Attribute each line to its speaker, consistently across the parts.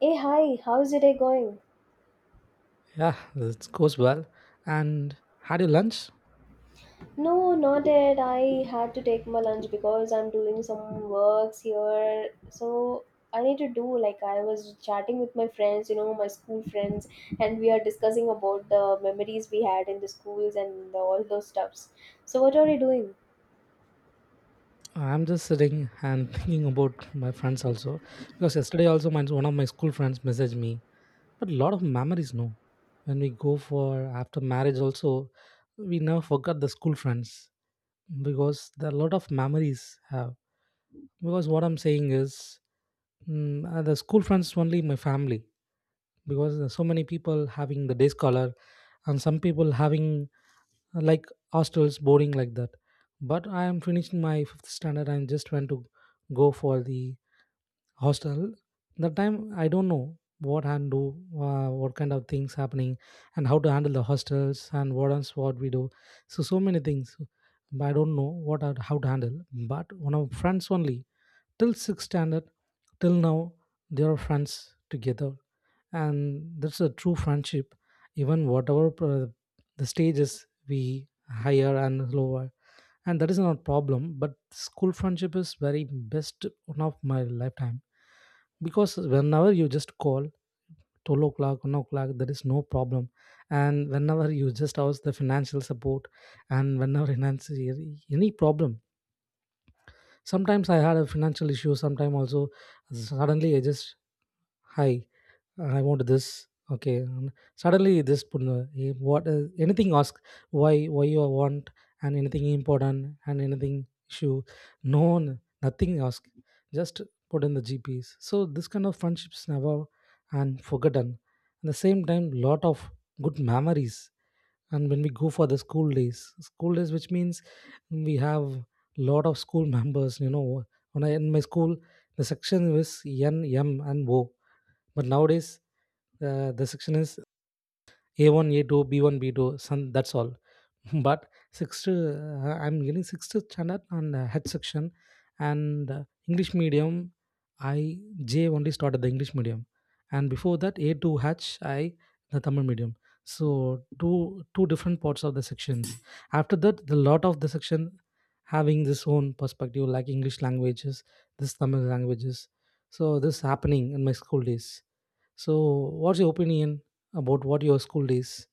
Speaker 1: Hey, hi, how's your day going?
Speaker 2: Yeah, it goes well. And had your lunch?
Speaker 1: No, not yet. I had to take my lunch because I'm doing some works here. So I need to do, like, I was chatting with my friends, you know, my school friends, and we are discussing about the memories we had in the schools and all those stuffs. So what are you doing?
Speaker 2: I'm just sitting and thinking about my friends also because yesterday also my one of my school friends messaged me. But a lot of memories, no. When we go for after marriage, also we never forgot the school friends because there are a lot of memories have. Because what I'm saying is, the school friends only my family because there's so many people having the day scholar and some people having like hostels boarding like that but I am finishing my fifth standard and just went to go for the hostel. That time I don't know what and do what kind of things happening and how to handle the hostels and what else what we do, so so many things but I don't know what are, how to handle. But one of friends only till sixth standard till now they are friends together and that's a true friendship. Even whatever the stages we higher and lower, and that is not problem but school friendship is very best one of my lifetime because whenever you just call 12 o'clock 1 o'clock there is no problem, and whenever you just ask the financial support and whenever finance any problem. Sometimes I had a financial issue. Sometimes also suddenly I just hi, I want this. Okay. And suddenly this put in the- what anything ask, why you want and anything important and anything issue. No one nothing ask. Just put in the GPS. So this kind of friendships never and forgotten. At the same time, lot of good memories. And when we go for the school days, which means we have lot of school members. You know, when I in my school, the section was N M and O. But nowadays the section is A1, A2, B1, B2. Some, that's all but sixth, I'm getting sixth standard on H section and English medium. I J only started the English medium, and before that A to H I the Tamil medium. So two different parts of the sections. After that, the lot of the section having this own perspective like English languages, this Tamil languages. So this happening in my school days. So what's your opinion about what your school days?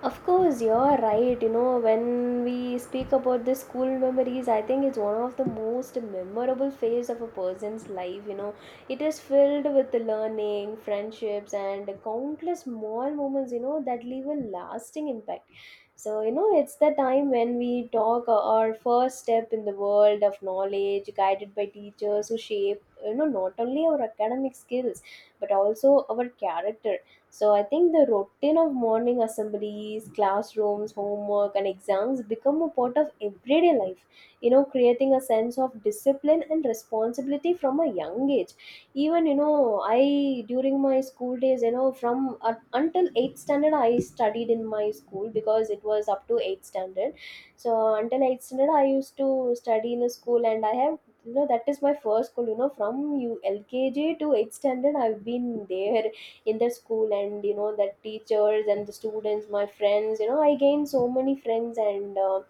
Speaker 1: Of course, you're right. You know, when we speak about the school memories, I think it's one of the most memorable phase of a person's life. You know, it is filled with the learning, friendships, and countless small moments, you know, that leave a lasting impact. So, you know, it's the time when we talk our first step in the world of knowledge, guided by teachers who shape, you know, not only our academic skills, but also our character. So I think the routine of morning assemblies, classrooms, homework, and exams become a part of everyday life, you know, creating a sense of discipline and responsibility from a young age. Even, you know, I, during my school days, you know, from until 8th standard, I studied in my school because it was up to 8th standard. So until 8th standard, I used to study in a school, and I have, you know, that is my first school, you know, from you lkg to 8th standard, I've been there in the school. And you know that teachers and the students, my friends, you know, I gained so many friends, and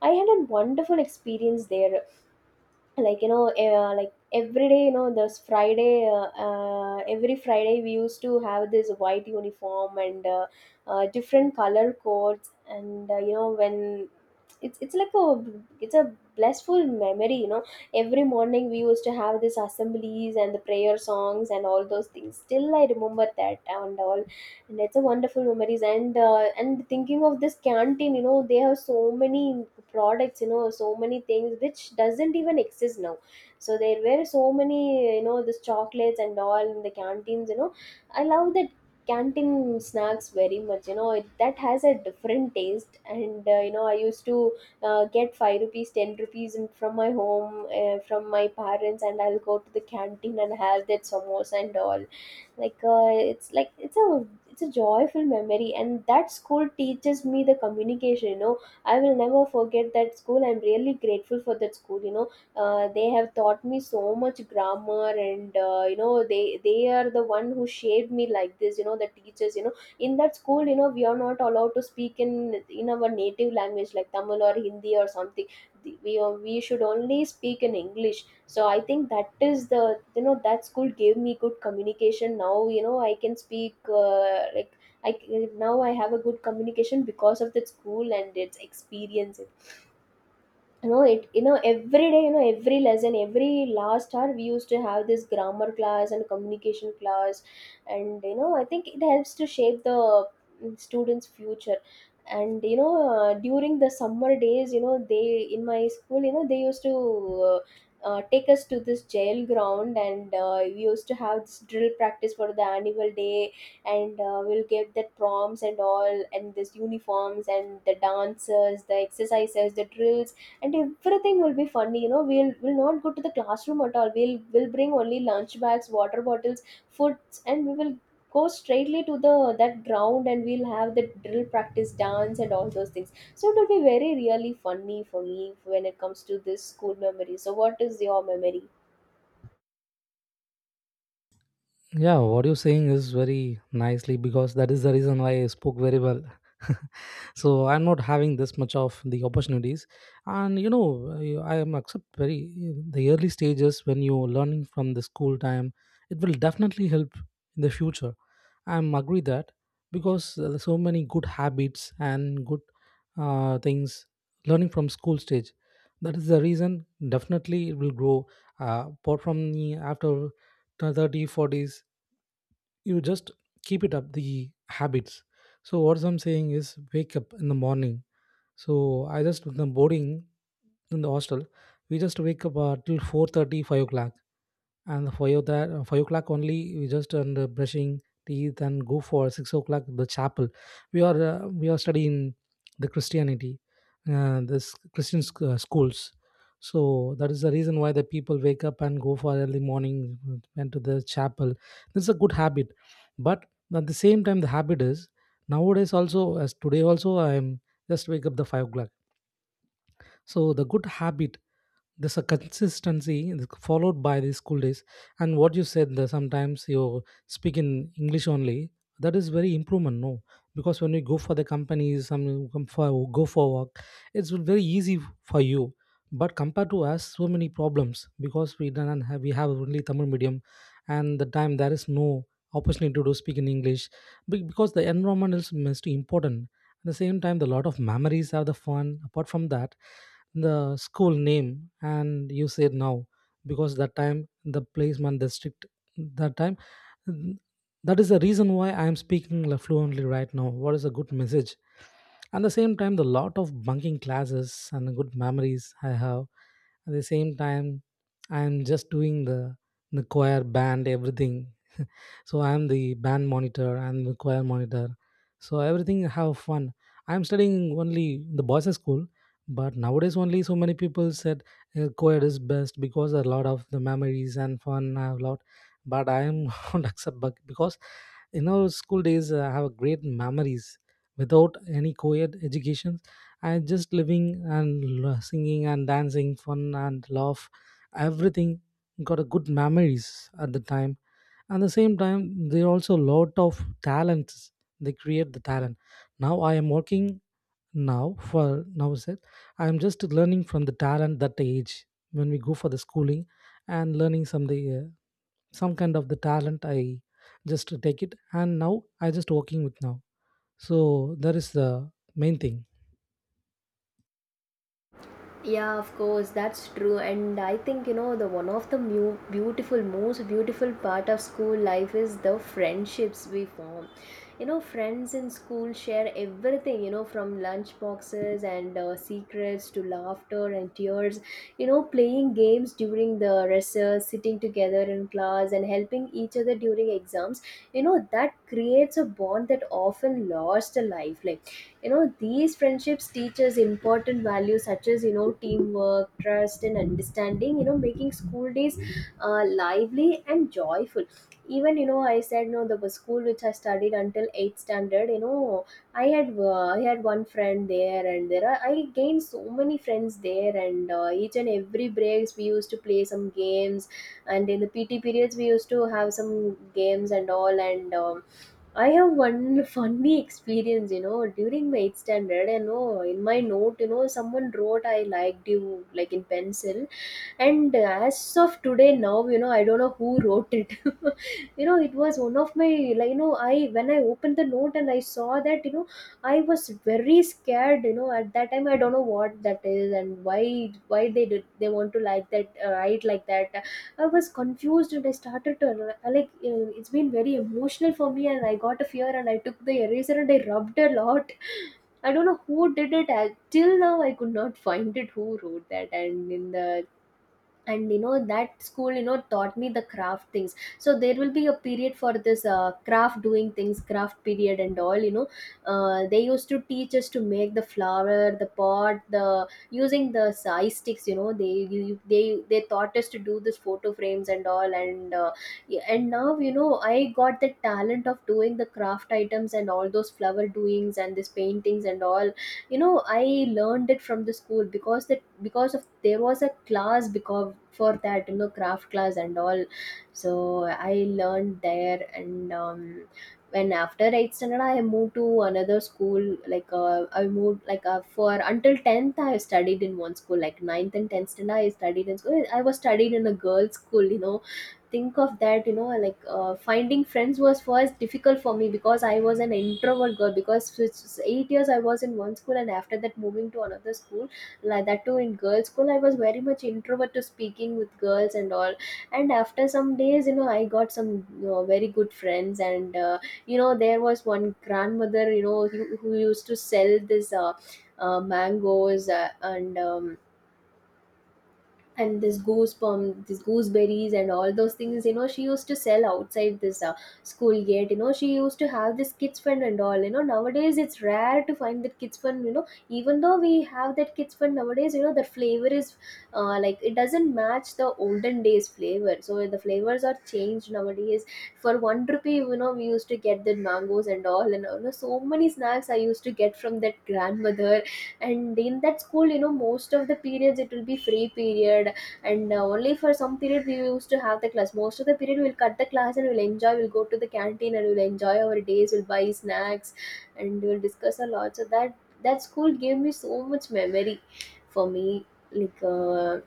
Speaker 1: I had a wonderful experience there. Like, you know, like every day, you know, this friday, every friday we used to have this white uniform, and different color codes, and you know, when it's like a, it's a blissful memory, you know. Every morning we used to have these assemblies and the prayer songs and all those things, still I remember that and all. And it's a wonderful memories, and thinking of this canteen, you know, they have so many products, you know, so many things which doesn't even exist now. So there were so many, you know, this chocolates and all in the canteens, you know, I love that canteen snacks very much. You know that has a different taste, and you know, I used to get 5 rupees 10 rupees in, from my home, from my parents, and I'll go to the canteen and have that samosa and all. Like it's like it's a joyful memory, and that school teaches me the communication, you know. I will never forget that school, I'm really grateful for that school, you know. They have taught me so much grammar, and you know, they are the one who shaped me like this, you know, the teachers, you know, in that school, you know. We are not allowed to speak in our native language like tamil or hindi or something. We are, we should only speak in english. So I think that is the, you know, that school gave me good communication. Now, you know, I can speak, like, now I have a good communication because of that school and its experience. You know it, you know, every day, you know, every lesson, every last hour, we used to have this grammar class and communication class. And you know, I think it helps to shape the, students future. And you know, during the summer days, you know, they in my school, you know, they used to uh, take us to this jail ground, and we used to have this drill practice for the annual day. And we'll get the prompts and all, and this uniforms and the dancers, the exercises, the drills, and everything will be funny. You know, we will not go to the classroom at all, we will bring only lunch bags, water bottles, foods, and we will go straightly to the that ground, and we'll have the drill practice, dance, and all those things. So it will be very really funny for me when it comes to this school memory. So what is your memory?
Speaker 2: Yeah, what you're saying is very nicely because that is the reason why I spoke very well. So I'm not having this much of the opportunities, and you know I am accept very the early stages when you're learning from the school time. It will definitely help in the future. I'm agree that because there so many good habits and good things learning from school stage. That is the reason definitely it will grow. Apart from the after 30, 40s you just keep it up the habits. So what I'm saying is wake up in the morning, so I just with the boarding in the hostel we just wake up till 4:30 o'clock, and five that 5 o'clock only we just and brushing teeth and go for 6 o'clock the chapel. We are we are studying the Christianity, this Christian schools. So that is the reason why the people wake up and go for early morning, went to the chapel. This is a good habit. But at the same time the habit is nowadays also, as today also I'm just wake up the 5 o'clock. So the good habit there's a consistency followed by the school days. And what you said that sometimes you speak in English only, that is very improvement no, because when you go for the companies some you come for go for work, it's very easy for you. But compared to us so many problems because we don't have, we have only Tamil medium, and the time there is no opportunity to speak in English. Because the environment is most important. At the same time the lot of memories are the fun apart from that the school name and you said now because that time the placement district, that time, mm, that is the reason why I am speaking fluently right now, what is a good message. At the same time the lot of bunking classes and good memories I have. At the same time I am just doing the choir band everything. So I am the band monitor and the choir monitor, so everything have fun. I'm studying only in the boys school but nowadays only so many people said co is best because a lot of the memories and fun I have lot. But I am not accept because in our school days I have great memories without any co-ed education. I just living and singing and dancing fun and love everything, got a good memories at the time. At the same time, there are also a lot of talents. They create the talent. Now I am working now for now said I am just learning from the talent that age when we go for the schooling and learning some the uh, some kind of the talent I just take it and now I just working with now. So that is the main thing.
Speaker 1: Yeah, of course, that's true. And I think, you know, the one of the beautiful, most beautiful part of school life is the friendships we form. You know, friends in school share everything, you know, from lunch boxes and secrets to laughter and tears, you know, playing games during the recess, sitting together in class, and helping each other during exams. You know, that creates a bond that often lasts a lifeline. You know, these friendships teach us important values such as, you know, teamwork, trust, and understanding, you know, making school days lively and joyful. Even, you know, I said no, the school which I studied until 8th standard, you know, I had one friend there. And there are, I gained so many friends there, and each and every breaks we used to play some games. And in the pt periods, we used to have some games and all, and I have one funny experience, you know, during my 8th standard. I know in my note, you know, someone wrote I liked you, like, in pencil. And as of today, now you know, I don't know who wrote it. You know, it was one of my, like, you know, I, when I opened the note and I saw that, you know, I was very scared. You know, at that time I don't know what that is, and why they did, they want to like that, write like that. I was confused, and I started to like, it's been very emotional for me, and I got a fear, and I took the eraser and I rubbed a lot. I don't know who did it. I, till now, I could not find it who wrote that. And in the, and you know that school, you know, taught me the craft things. So there will be a period for this, craft doing things, craft period and all, you know. They used to teach us to make the flower, the pot, the using the size sticks, you know. They taught us to do this photo frames and all, and yeah, and now you know, I got the talent of doing the craft items and all those flower doings and this paintings and all. You know, I learned it from the school because the because of there was a class, because for that, you know, craft class and all. So I learned there, and when after 8th standard I moved to another school. Like I moved like, for until 10th I studied in one school, like ninth and 10th standard I studied in school, I was studied in a girls school. You know, think of that, you know, like, finding friends was first difficult for me because I was an introvert girl. Because for 8 years I was in one school, and after that moving to another school, like that too in girls school, I was very much introvert to speaking with girls and all. And after some days, you know, I got some, you know, very good friends. And you know, there was one grandmother, you know, who used to sell this, mangoes, and this goosebump, this gooseberries, and all those things, you know, she used to sell outside this, school gate. You know, she used to have this kids fund and all, you know. Nowadays it's rare to find that kids fund, you know, even though we have that kids fund nowadays, you know, the flavor is, like, it doesn't match the olden days flavor. So the flavors are changed nowadays. For one rupee, you know, we used to get the mangoes and all, and you know, so many snacks I used to get from that grandmother. And in that school, you know, most of the periods it will be free period, and only for some period we used to have the class. Most of the period we'll cut the class and we'll enjoy. We'll go to the canteen and we'll enjoy our days. We'll buy snacks and we'll discuss a lot. So that school gave me so much memory for me. Like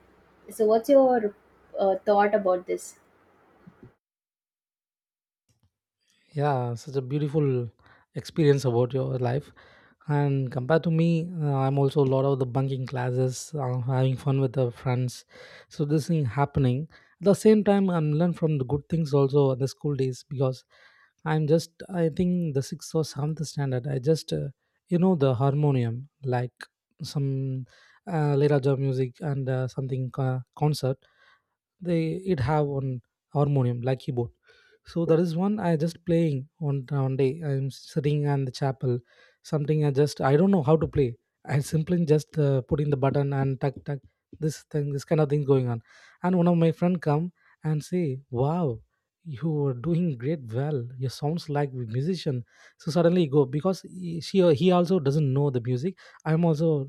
Speaker 1: so, what's your thought about this?
Speaker 2: Yeah, such a beautiful experience about your life. And compared to me, I'm also a lot of the bunking classes, having fun with the friends. So this thing happening. At the same time, I'm learn from the good things also at the school days because I'm just I think the sixth or seventh standard. I just you know the harmonium like some Liraja music and something concert, they it have on harmonium like keyboard. So that is one I just playing, on one day I'm sitting on the chapel, something I just I don't know how to play, I simply just put in the button and tuck tuck, this thing this kind of thing going on. And one of my friend come and say wow, you are doing great well, you sounds like a musician, so suddenly go because she he also doesn't know the music, I'm also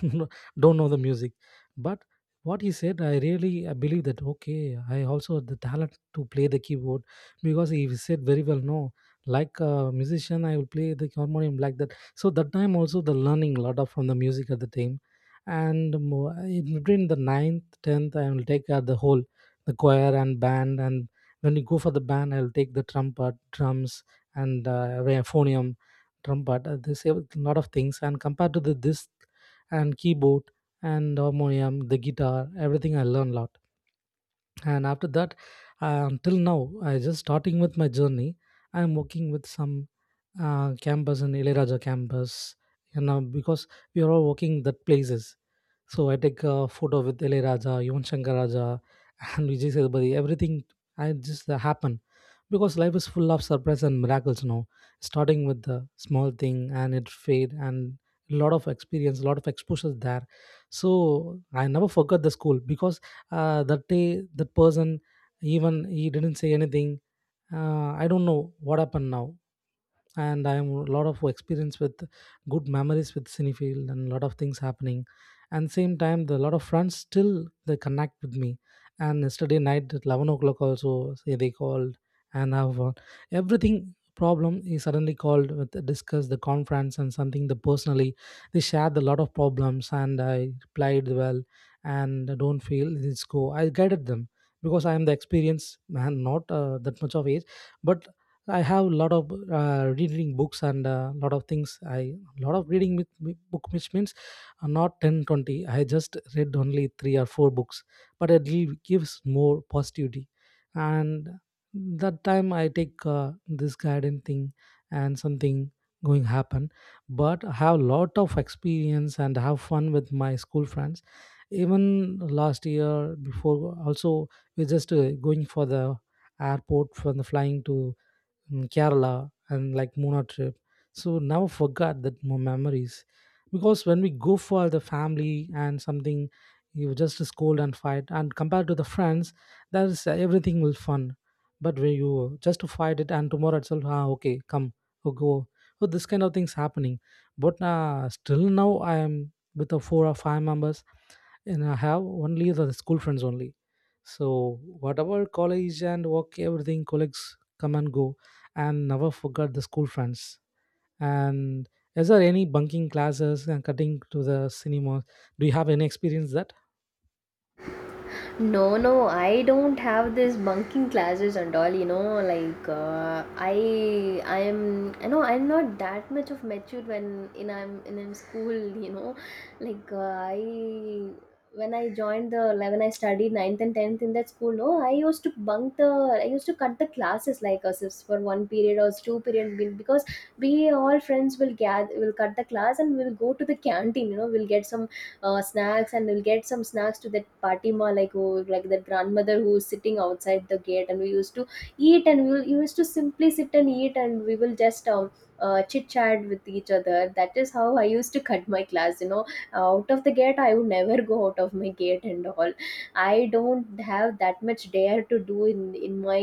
Speaker 2: don't know the music. But what he said I really I believe that okay I also had the talent to play the keyboard because he said very well no, like a musician I will play the harmonium like that. So that time also the learning a lot of from the music at the time. And in between the ninth 10th I will take the whole the choir and band. And when you go for the band I'll take the trumpet drums and euphonium trumpet this a lot of things, and compared to the this and keyboard and harmonium, the guitar, everything I learned a lot. And after that till now I just starting with my journey. I'm working with some campus in Ilayaraja campus and now because we are all working that places. So I take a photo with Ilayaraja, Yuvan Shankar Raja, and Vijay Sethupathi, everything I just happen because life is full of surprise and miracles. Now starting with the small thing and it fade and a lot of experience a lot of exposures there. So I never forgot the school because that day that person even he didn't say anything, I don't know what happened now. And I am a lot of experience with good memories with Cinefield and a lot of things happening. And same time, the lot of friends still they connect with me. And yesterday night at 11 o'clock also say they called and have everything problem is suddenly called with discuss the conference and something the personally, they shared a lot of problems and I replied well and don't feel let's go, I guided them because I am the experienced man not that much of age. But I have a lot of reading books and a lot of things. I lot of reading with book, which means not 10, 20. I just read only three or four books, but it gives more positivity. And that time I take this guidance thing and something going happen. But I have a lot of experience and have fun with my school friends. Even last year before also we're just going for the airport from the flying to in Kerala and like Muna trip. So never forgot that memories because when we go for the family and something, you just scold and fight. And compared to the friends, that is everything will fun. But when you just fight it and tomorrow itself, ah, okay, come, oh, go. So this kind of things happening. But still now I am with the four or five members, and I have only the school friends only. So whatever college and work, everything, colleagues come and go, and never forgot the school friends. And is there any bunking classes and cutting to the cinema? Do you have any experience that?
Speaker 1: No, no, I don't have this bunking classes and all, you know, like, I am, I know I'm not that much of matured when in I'm in school, you know. Like I when I joined the like, When I studied ninth and tenth in that school, no, I used to cut the classes like us if for one period or two period because we all friends will gather will cut the class and we'll go to the canteen, you know, we'll get some snacks, and we'll get some snacks to that Fatima, like who like that grandmother who is sitting outside the gate, and we used to eat, and we will used to simply sit and eat, and we will just chit chat with each other. That is how I used to cut my class, you know. Out of the gate I would never go, out of my gate and all. I don't have that much dare to do in my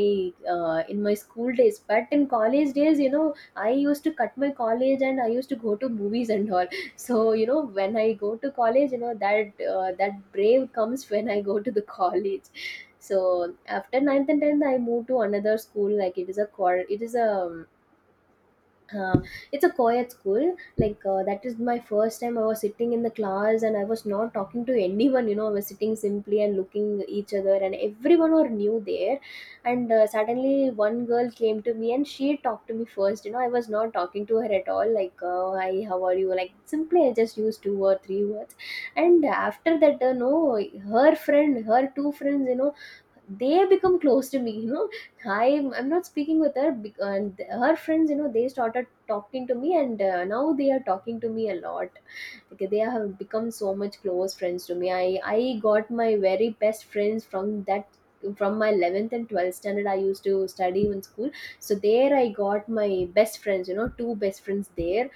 Speaker 1: in my school days, but in college days, you know, I used to cut my college and I used to go to movies and all. So you know, when I go to college, you know that that brave comes when I go to the college. So after ninth and 10th, I moved to another school. Like it is a quar it is a uh, it's a co-ed school. Like that is my first time. I was sitting in the class and I was not talking to anyone, you know. I was sitting simply and looking each other, and everyone were new there. And suddenly one girl came to me and she talked to me first, you know. I was not talking to her at all. Like hi, how are you, like simply. I just used two or three words. And after that no, her two friends, you know, they become close to me, you know. I'm not speaking with her and her friends, you know, they started talking to me, and now they are talking to me a lot. Okay, they have become so much close friends to me. I got my very best friends from that, from my 11th and 12th standard I used to study in school. So there I got my best friends, you know, two best friends there.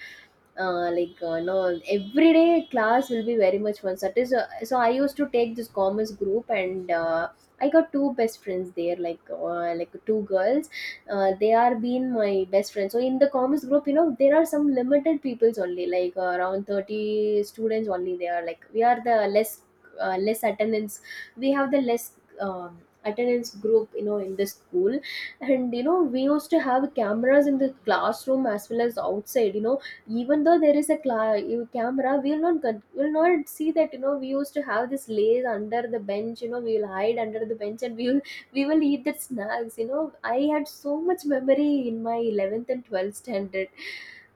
Speaker 1: No, everyday class will be very much fun. So, that is so I used to take this commerce group, and I got two best friends there, like two girls. They are been my best friends. So in the commerce group, you know, there are some limited peoples only, like around 30 students only. They are like, we are the less less attendance. We have the less attendance group, you know, in the school. And you know, we used to have cameras in the classroom as well as outside, you know. Even though there is a camera, we'll not we'll not see that. You know, we used to have this lays under the bench, you know. We will hide under the bench and we will, we will eat that snacks. You know, I had so much memory in my 11th and 12th standard.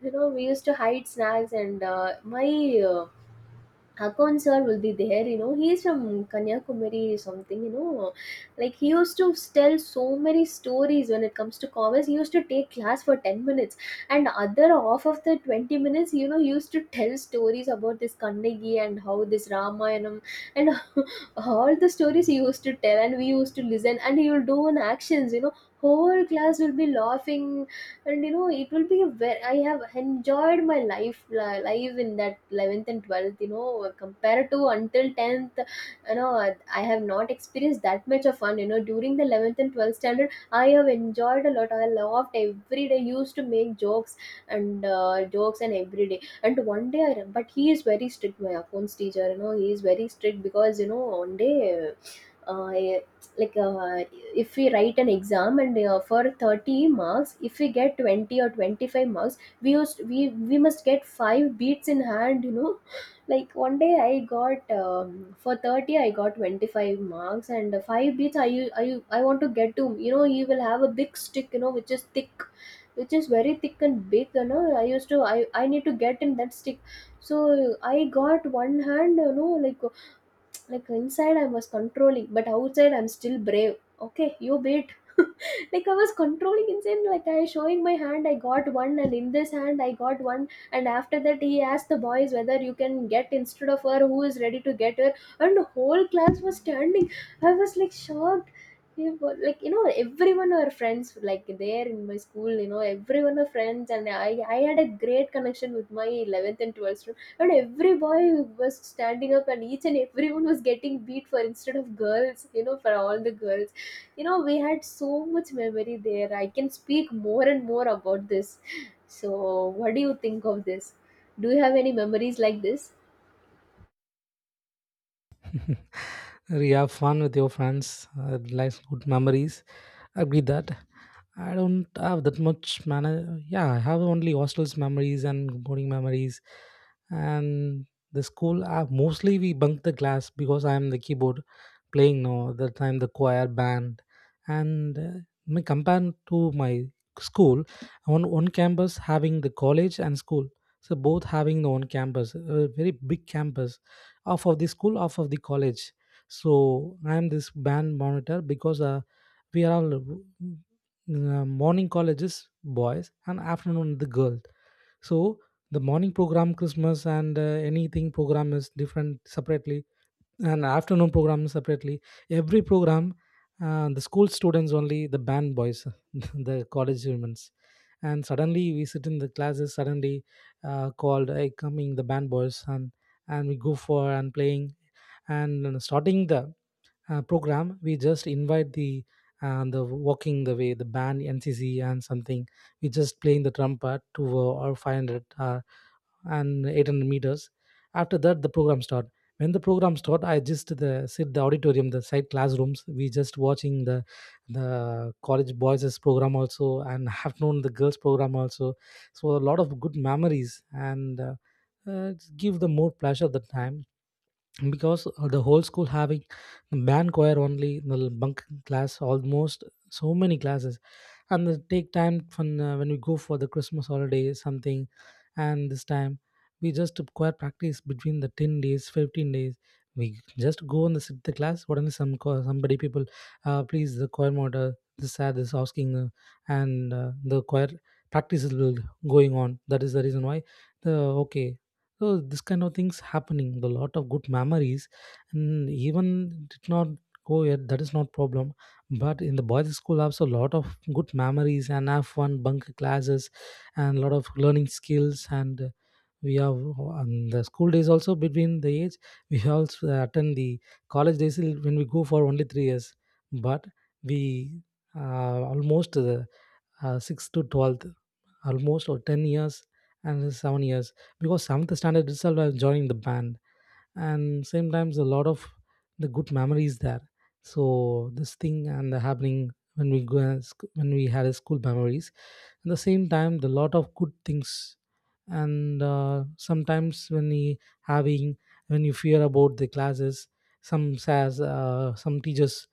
Speaker 1: You know, we used to hide snacks and my uh, Hakon sir will be there, you know. He's from Kanyakumari or something, you know. Like he used to tell so many stories when it comes to commerce. He used to take class for 10 minutes, and other half of the 20 minutes, you know, he used to tell stories about this Kannagi and how this Ramayanam and all the stories he used to tell, and we used to listen. And he will do an actions, you know. Whole class will be laughing. And you know, it will be a very, I have enjoyed my life in that 11th and 12th, you know, compared to until 10th. You know, I have not experienced that much of fun, you know, during the 11th and 12th standard. I have enjoyed a lot. I loved every day, used to make jokes and jokes and every day. And one day but he is very strict, my accounts teacher, you know. He is very strict because, you know, one day uh, like uh, if we write an exam and for 30 marks, if we get 20 or 25 marks, we used, we must get five beats in hand, you know. Like one day I got for 30 I got 25 marks and five beats. I want to get to, you know, you will have a big stick, you know, which is thick, which is very thick and big. You know, I need to get in that stick. So I got one hand, you know, like inside, I was controlling, but outside, I'm still brave. Okay, you beat. Like I was controlling inside, like I showing my hand, I got one, and in this hand, I got one. And after that, he asked the boys whether you can get instead of her, who is ready to get her. And the whole class was standing. I was like shocked. Yeah, but like you know, everyone are friends, like there in my school. You know, everyone are friends, and I had a great connection with my 11th and 12th. And every boy was standing up, and each and everyone was getting beat for instead of girls, you know, for all the girls. You know, we had so much memory there. I can speak more and more about this. So what do you think of this? Do you have any memories like this?
Speaker 2: You have fun with your friends, life good memories. I agree that. I don't have that much mana. Yeah, I have only hostels memories and boarding memories, and the school. Mostly we bunk the class because I am the keyboard playing now. At that time the choir band, and me compared to my school, on one campus having the college and school. So both having the one campus, a very big campus, half of the school, half of the college. So I am this band monitor because we are all morning colleges boys and afternoon the girls. So the morning program Christmas and anything program is different separately, and afternoon program separately, every program, the school students only, the band boys, the college humans. And suddenly we sit in the classes, suddenly called, hey, coming the band boys. And we go for and playing, and starting the program. We just invite the walking the way the band NCC and something. We just playing the trumpet to or 500 and 800 meters. After that the program start. When the program start, I just the sit the auditorium, the side classrooms, we just watching the college boys program also, and afternoon the girls program also. So a lot of good memories, and give the more pleasure at the time, because the whole school having band choir only the bunk class, almost so many classes. And they take time from when we go for the Christmas holiday something. And this time we just require practice between the 10 days 15 days. We just go and sit the class, suddenly somebody people, please the choir monitor this sad is asking, and the choir practices will going on. That is the reason why the okay. So this kind of things happening, the lot of good memories, and even did not go yet, that is not problem. But in the boys school also a lot of good memories and have fun bunk classes, and a lot of learning skills, and we have on the school days also. Between the age, we also attend the college days till when we go for only 3 years. But we almost the 6th to 12th, almost or 10 years and 7 years, because 7th standard itself I was joining the band. And same times a lot of the good memories there. So this thing and the happening when we go as- when we had a school memories, at the same time the lot of good things. And uh, sometimes when we having, when you fear about the classes, some says, some teachers,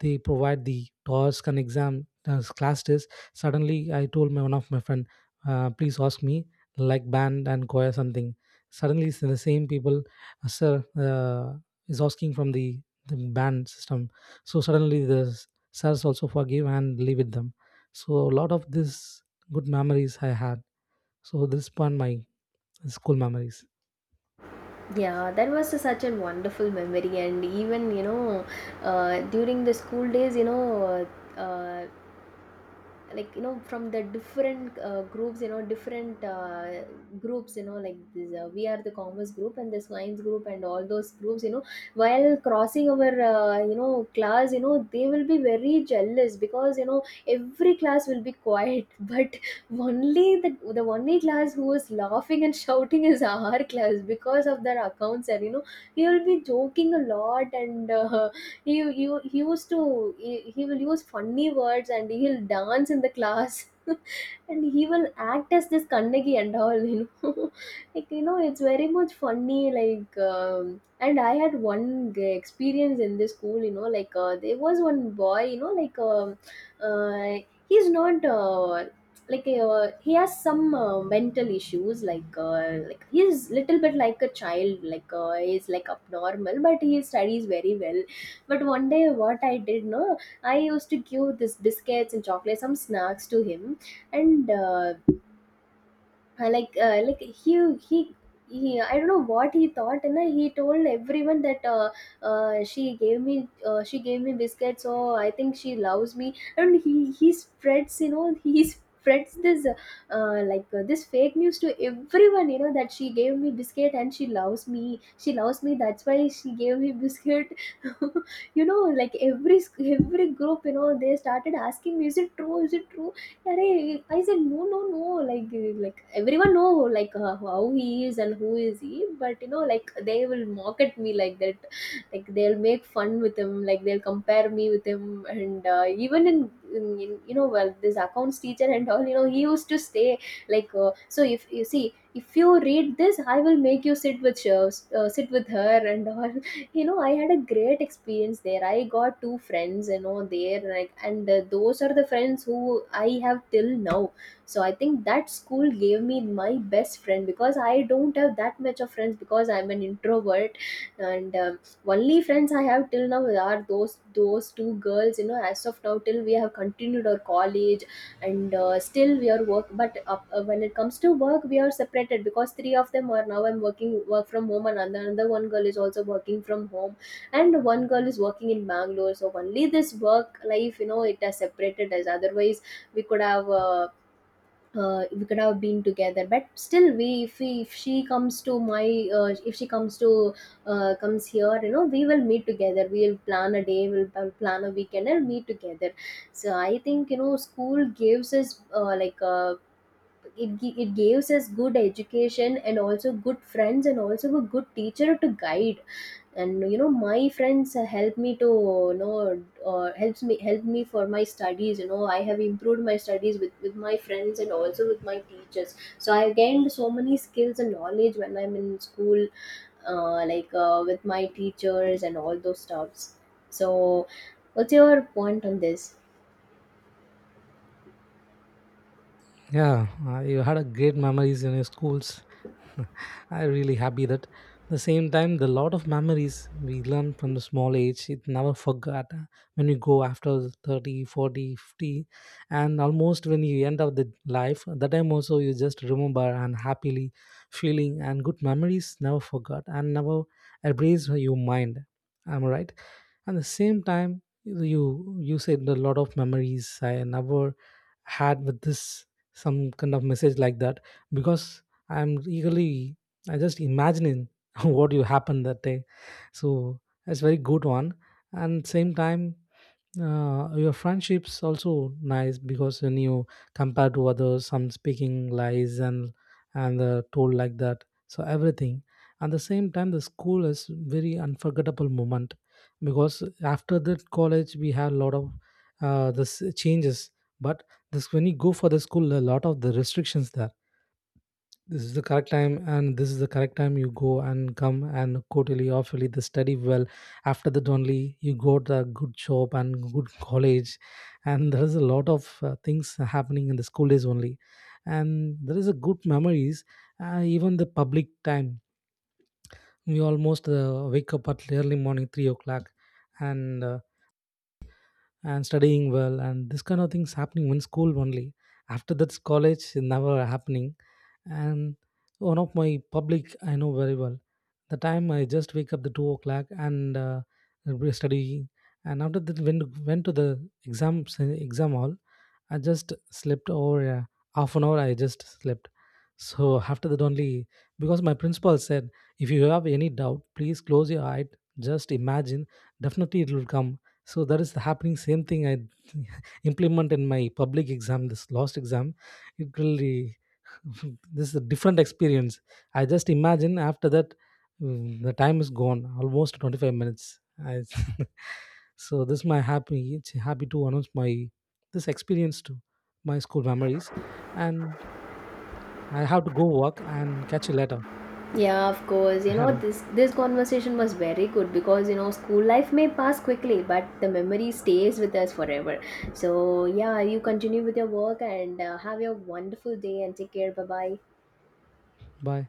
Speaker 2: they provide the task and exam, class test. Suddenly I told my one of my friend, please ask me like band and choir something. Suddenly it's the same people, yes sir, is asking from the band system. So suddenly the sirs also forgive and live with them. So a lot of this good memories I had. So this one my school memories.
Speaker 1: Yeah, that was such a wonderful memory. And even you know, during the school days, you know, uh, like you know, from the different groups, you know, different groups, you know, like this we are the commerce group and the science group and all those groups, you know, while crossing our you know class, you know, they will be very jealous because, you know, every class will be quiet but only the only class who is laughing and shouting is our class because of their accounts. And you know, he will be joking a lot, and he, he, he used to, he will use funny words and he'll dance in the class and he will act as this Kannagi and all, you know. Like you know, it's very much funny. Like and I had one experience in this school, you know. Like there was one boy, you know, like uh, he's not he has some mental issues. Like like he's little bit like a child. Like he's like abnormal, but he studies very well. But one day, what I did, no, I used to give this biscuits and chocolate, some snacks to him. And like he he I don't know what he thought, and then he told everyone that she gave me, she gave me biscuits, so I think she loves me. And he spreads, you know, he spreads this this fake news to everyone, you know, that she gave me biscuit and she loves me, she loves me, that's why she gave me biscuit. You know, like every group, you know, they started asking, is it true, is it true? Arey, I said, no, no, no. Like everyone know like how he is and who is he, but you know, like they will mock at me like that. Like they'll make fun with him. Like they'll compare me with him, and even in you know, well, this accounts teacher and all, you know, he used to stay like, so if you see, if you read this, I will make you sit with her and all. You know, I had a great experience there. I got two friends, you know, there like, and those are the friends who I have till now. So I think that school gave me my best friend, because I don't have that much of friends because I'm an introvert. And only friends I have till now are those two girls, you know, as of now till we have continued our college. And still we are work, but when it comes to work, we are separated, because three of them are now, I'm working work from home, and another one girl is also working from home, and one girl is working in Bangalore. So only this work life, you know, it has separated us. Otherwise, we could have uh, we could have been together. But still, we if she comes to my if she comes to comes here, you know, we will meet together, we'll plan a day, we'll plan a weekend and meet together. So I think, you know, school gives us it gives us good education and also good friends and also a good teacher to guide. And you know, my friends help me to, you know, help me for my studies. You know, I have improved my studies with my friends and also with my teachers. So I gained so many skills and knowledge when I'm in school, with my teachers and all those stuffs. So what's your point on this?
Speaker 2: Yeah, you had a great memories in your schools. I'm really happy that the same time the lot of memories we learn from the small age, it never forgot. When we go after 30, 40, 50, and almost when you end of the life, that time also you just remember and happily feeling, and good memories never forgot and never erase your mind. Am I right? At the same time, you said a lot of memories I never had with this, some kind of message like that. Because I'm eagerly, I just imagining what you happened that day. So that's very good one. And same time, your friendships also nice, because when you compare to others, some speaking lies and told like that, so everything. At the same time, the school is very unforgettable moment, because after that college we had a lot of this changes. But this, when you go for the school, a lot of the restrictions there. This is the correct time and this is the correct time you go and come, and quarterly awfully the study well. After that only you got a good job and good college. And there is a lot of things happening in the school days only. And there is a good memories. Even the public time, we almost wake up at early morning 3 o'clock. And uh, and studying well, and this kind of things happening in school only. After that's college, never happening. And one of my public I know very well. The time I just wake up the 2 o'clock, and we study. And after that went to the exam exam hall. I just slept over half an hour. I just slept. So after that only, because my principal said, if you have any doubt, please close your eye. Just imagine. Definitely it will come. So that is the happening, same thing I implement in my public exam, this last exam. It really this is a different experience. I just imagine. After that, the time is gone almost 25 minutes I. So this my happy, it's happy to announce my this experience to my school memories. And I have to go, work and catch you later.
Speaker 1: Yeah, of course. You
Speaker 2: Had
Speaker 1: know,
Speaker 2: a-
Speaker 1: this conversation was very good, because you know, school life may pass quickly, but the memory stays with us forever. So yeah, you continue with your work and have your wonderful day and take care. Bye bye.
Speaker 2: bye.